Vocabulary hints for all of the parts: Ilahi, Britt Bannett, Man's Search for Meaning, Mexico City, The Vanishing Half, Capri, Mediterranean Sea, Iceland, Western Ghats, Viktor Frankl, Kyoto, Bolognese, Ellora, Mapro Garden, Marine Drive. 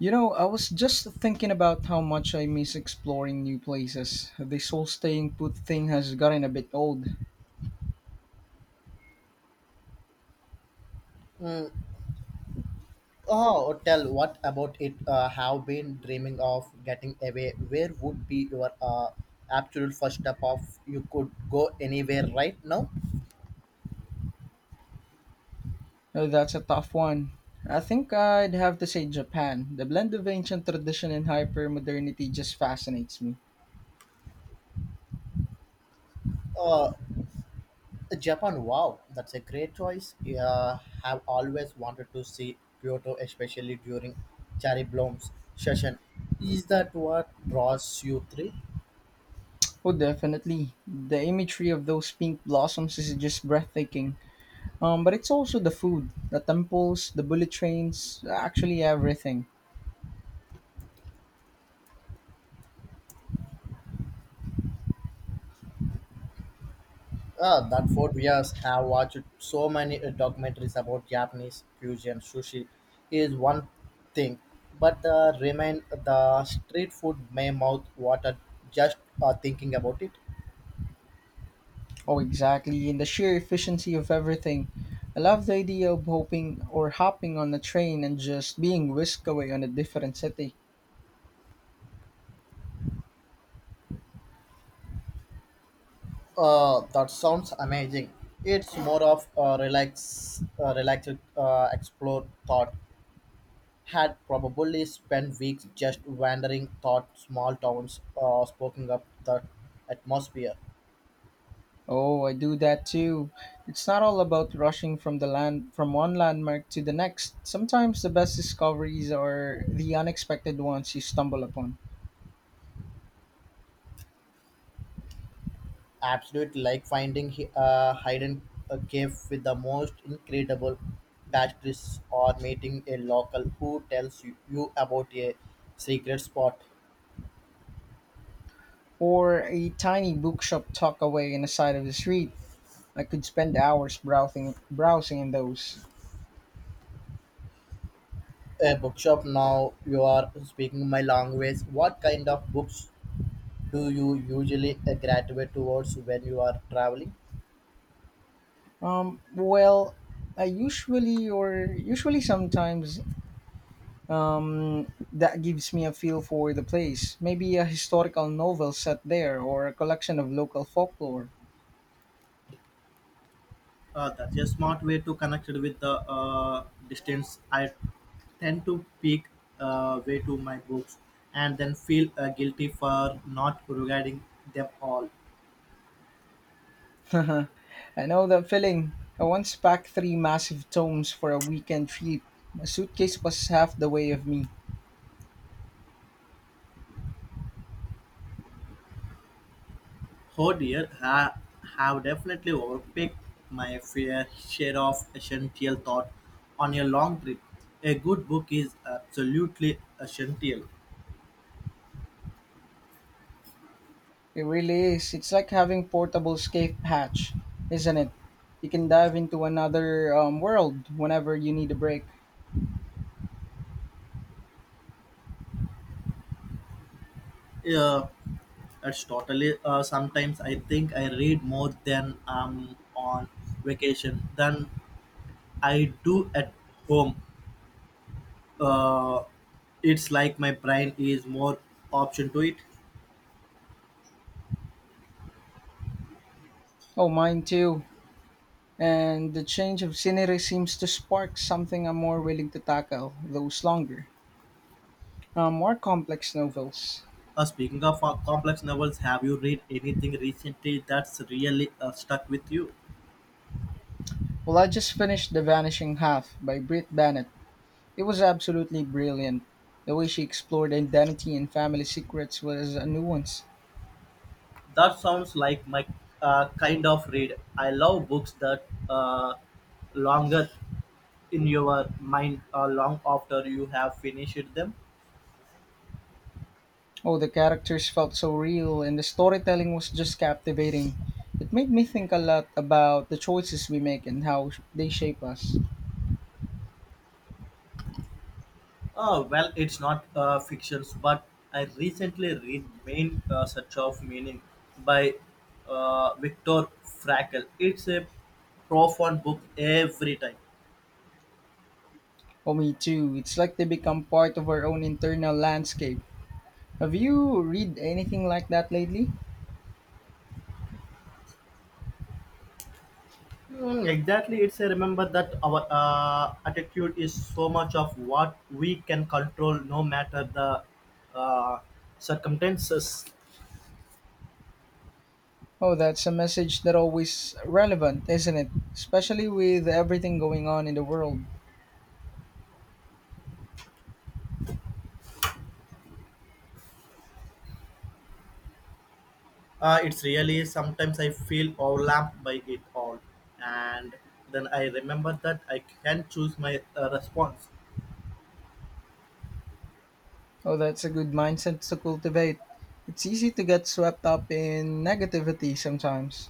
You know, I was just thinking about how much I miss exploring new places. This whole staying put thing has gotten a bit old. Mm. Oh, tell what about it? Have been dreaming of getting away. Where would be your absolute first step of you could go anywhere right now? That's a tough one. I think I'd have to say Japan. The blend of ancient tradition and hyper modernity just fascinates me. Uh, Japan, wow, that's a great choice. Yeah, have always wanted to see Kyoto, especially during cherry blooms session. Is that what draws you three? Oh, definitely. The imagery of those pink blossoms is just breathtaking. But it's also the food, the temples, the bullet trains, actually everything. Ah, that 4 years have watched so many documentaries about Japanese fusion sushi is one thing, but the remain the street food may mouth water just thinking about it. Oh, exactly. And the sheer efficiency of everything. I love the idea of hoping or hopping on a train and just being whisked away on a different city. That sounds amazing. It's more of a relaxed explore thought. Had probably spent weeks just wandering thought small towns, soaking up the atmosphere. Oh, I do that too. It's not all about rushing from the land from one landmark to the next. Sometimes the best discoveries are the unexpected ones you stumble upon. Absolutely, like a hidden a cave with the most incredible pastries or meeting a local who tells you about a secret spot. Or a tiny bookshop tucked away in the side of the street. I could spend hours browsing in those. A bookshop, now you are speaking my language. What kind of books do you usually gravitate towards when you are traveling? Um, well, I usually sometimes that gives me a feel for the place. Maybe a historical novel set there or a collection of local folklore. That's a smart way to connect it with the distance. I tend to peek way to my books and then feel guilty for not regarding them all. I know that feeling. I once packed three massive tomes for a weekend trip. My suitcase was half the weight of me. Oh dear, I have definitely overpicked my fair share of essential thought on a long trip. A good book is absolutely essential. It really is. It's like having portable escape hatch, isn't it? You can dive into another world whenever you need a break. Yeah, it's totally. Sometimes I think I read more than I'm on vacation than I do at home. uh, it's like my brain is more option to it. Oh, mine too. And the change of scenery seems to spark something I'm more willing to tackle, those longer more complex novels. Speaking of complex novels, have you read anything recently that's really stuck with you? Well, I just finished The Vanishing Half by Britt Bannett. It was absolutely brilliant. The way she explored identity and family secrets was a nuance. That sounds like my kind of read. I love books that longer in your mind long after you have finished them. Oh, the characters felt so real, and the storytelling was just captivating. It made me think a lot about the choices we make and how they shape us. Oh, well, it's not fictions, but I recently read Main Search of Meaning by Viktor Frankl. It's a profound book every time. Oh, me too. It's like they become part of our own internal landscape. Have you read anything like that lately? Mm, exactly, it's a remember that our attitude is so much of what we can control, no matter the uh, circumstances. Oh, that's a message that always relevant, isn't it? Especially with everything going on in the world. It's really sometimes I feel overwhelmed by it all, and then I remember that I can choose my response. Oh, that's a good mindset to cultivate. It's easy to get swept up in negativity sometimes.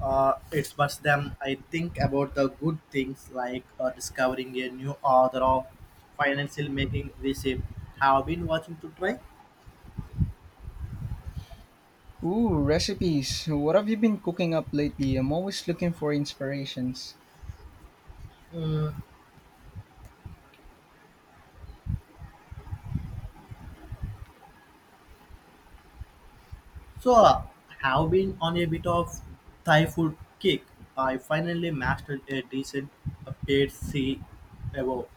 It's but them I think about the good things like discovering a new author of financial making recipe. Have been watching to try. Ooh, recipes. What have you been cooking up lately? I'm always looking for inspirations. Mm, so have been on a bit of Thai food kick. I finally mastered a decent paid C above.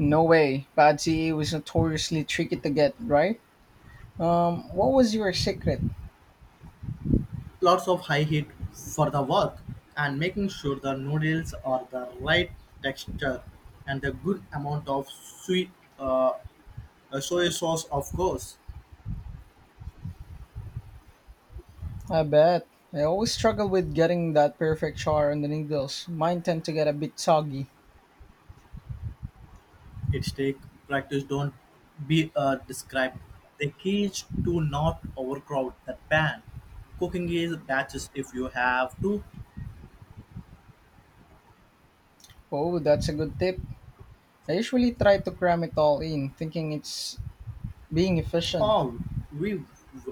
No way. Patsy was notoriously tricky to get, right? What was your secret? Lots of high heat for the work and making sure the noodles are the right texture and the good amount of sweet uh, soy sauce of course. I bet. I always struggle with getting that perfect char on the noodles. Mine tend to get a bit soggy. It's take practice, don't be described. The key is to not overcrowd the pan. Cooking is batches if you have to. Oh, that's a good tip. I usually try to cram it all in, thinking it's being efficient. How we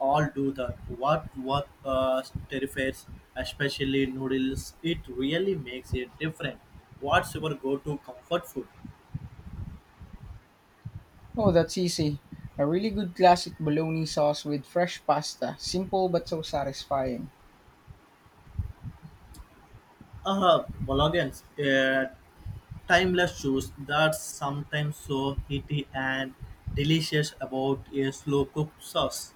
all do that. What terrifies, especially noodles. It really makes it different. What's your go-to comfort food? Oh, that's easy. A really good classic bologna sauce with fresh pasta. Simple but so satisfying. Bolognese, timeless shoes that's sometimes so heaty and delicious about a slow cooked sauce.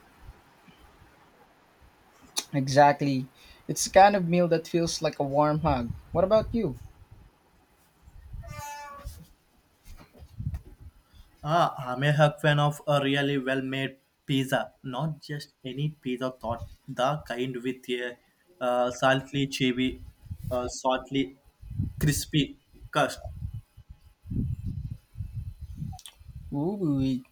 Exactly. It's the kind of meal that feels like a warm hug. What about you? Ah, I'm a hug fan of a really well-made pizza, not just any pizza thought, the kind with a salty, saltly crispy crust, Ooh,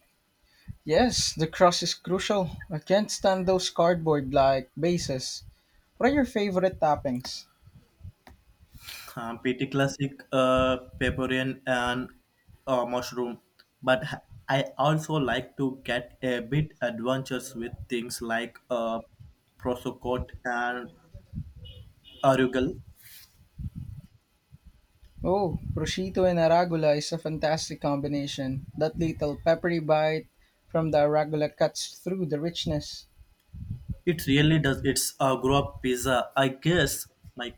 yes, the crust is crucial. I can't stand those cardboard like bases. What are your favorite toppings? Pretty classic pepperoni and mushroom. But ha- I also like to get a bit adventurous with things like prosciutto and arugula. Oh, prosciutto and arugula is a fantastic combination. That little peppery bite from the arugula cuts through the richness. It really does. It's a grow up pizza, I guess. My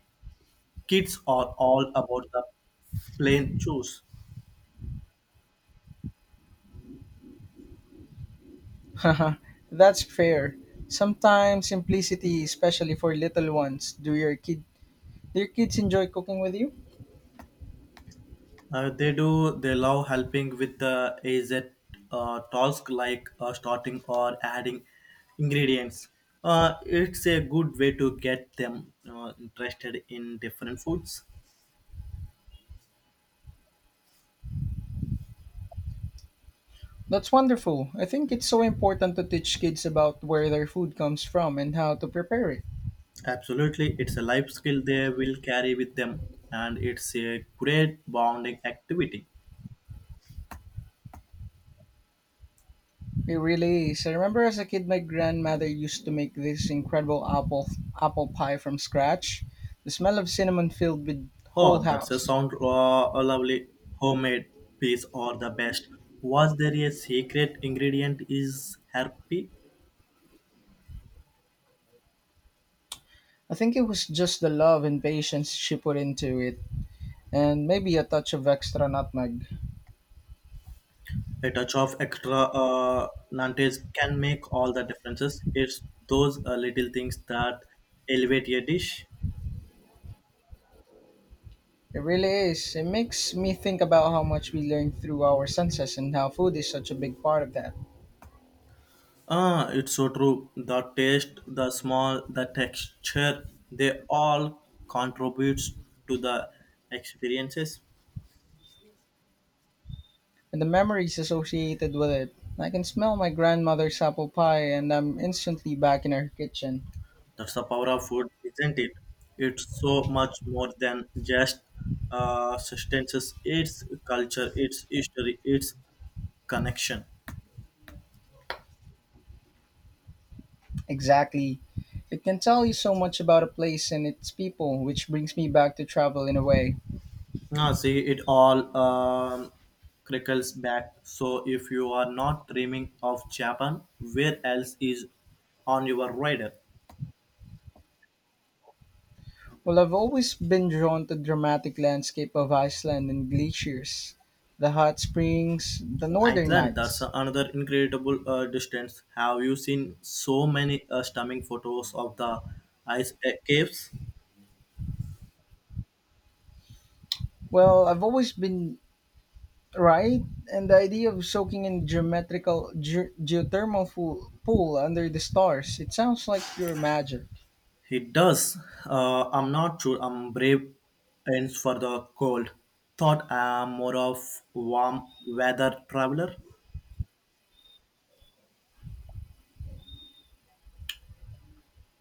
kids are all about the plain shoes. Haha, that's fair. Sometimes simplicity, especially for little ones. Do your kids enjoy cooking with you? They do. They love helping with the AZ task like starting or adding ingredients. It's a good way to get them interested in different foods. That's wonderful. I think it's so important to teach kids about where their food comes from and how to prepare it. Absolutely, it's a life skill they will carry with them, and it's a great bonding activity. It really is. I remember as a kid, my grandmother used to make this incredible apple pie from scratch. The smell of cinnamon filled the whole Oh, that's a house. sound a lovely homemade piece or the best. Was there a secret ingredient is happy? I think it was just the love and patience she put into it, and maybe a touch of extra nutmeg. A touch of extra nantes can make all the differences. It's those little things that elevate a dish. It really is. It makes me think about how much we learn through our senses and how food is such a big part of that, Ah, it's so true. The taste, the smell, the texture, they all contributes to the experiences. and the memories associated with it. I can smell my grandmother's apple pie, and I'm instantly back in her kitchen. That's the power of food, isn't it? It's so much more than just sustenance. It's culture, it's history, it's connection. Exactly. It can tell you so much about a place and its people, which brings me back to travel in a way. Now, see, it all trickles back. So, if you are not dreaming of Japan, where else is on your radar? Well, I've always been drawn to dramatic landscape of Iceland and glaciers, the hot springs, the northern Iceland, that's lights. another incredible distance. Have you seen so many stunning photos of the ice caves? Well, I've always been right, and the idea of soaking in geothermal pool under the stars, it sounds like pure magic. It does. I'm not sure I'm brave ends for the cold. Thought I'm more of warm weather traveler.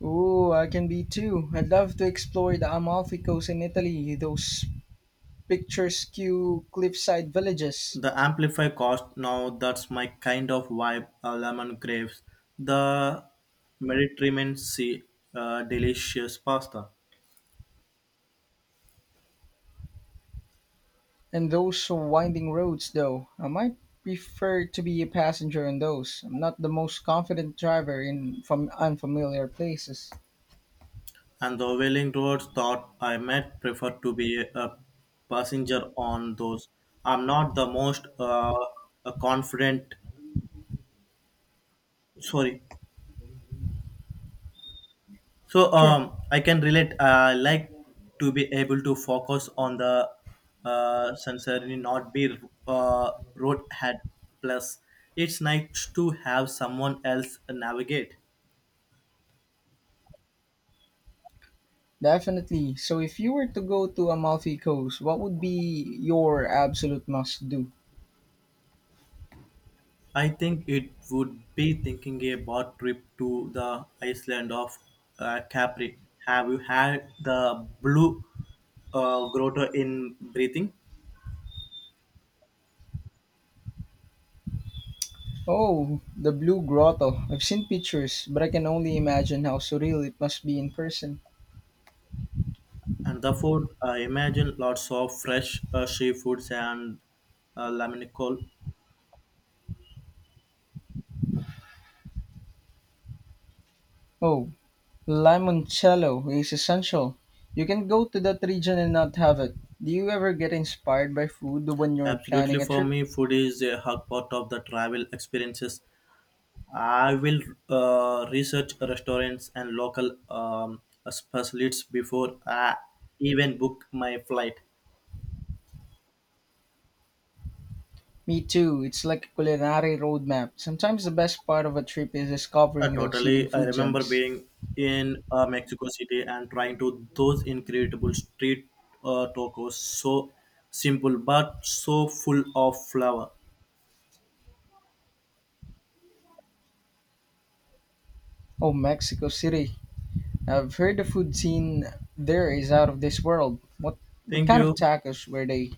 Ooh, I can be too. I'd love to explore the Amalfi Coast in Italy, those Pictures cue cliffside villages The amplify cost, now that's my kind of vibe. Lemon grapes, the Mediterranean Sea, delicious pasta, and those winding roads, though. I might prefer to be a passenger on those. I'm not the most confident driver in from unfamiliar places. and the wailing roads. Thought I might prefer to be a passenger on those. I'm not the most confident. Sorry. So Sure, I can relate. I like to be able to focus on the sensor and not be road. Plus, it's nice to have someone else navigate. definitely. So, if you were to go to Amalfi Coast, what would be your absolute must do? I think it would be thinking about trip to the Iceland of Capri. Have you had the blue grotto in breathing? Oh, the Blue Grotto. I've seen pictures, but I can only imagine how surreal it must be in person. And the food, I imagine lots of fresh seafoods and laminical. Oh, Limoncello is essential. You can go to that region and not have it. Do you ever get inspired by food when you're planning Absolutely, a for trip? me, food is a hug part of the travel experiences. I will research restaurants and local specialists before I even book my flight. Me too. It's like a culinary roadmap. Sometimes the best part of a trip is discovering those hidden Totally, I food remember gems. being in Mexico City and trying to those incredible street tacos. So simple, but so full of flavor. Oh, Mexico City. I've heard the food scene there is out of this world. What Thank kind of you. tacos were they?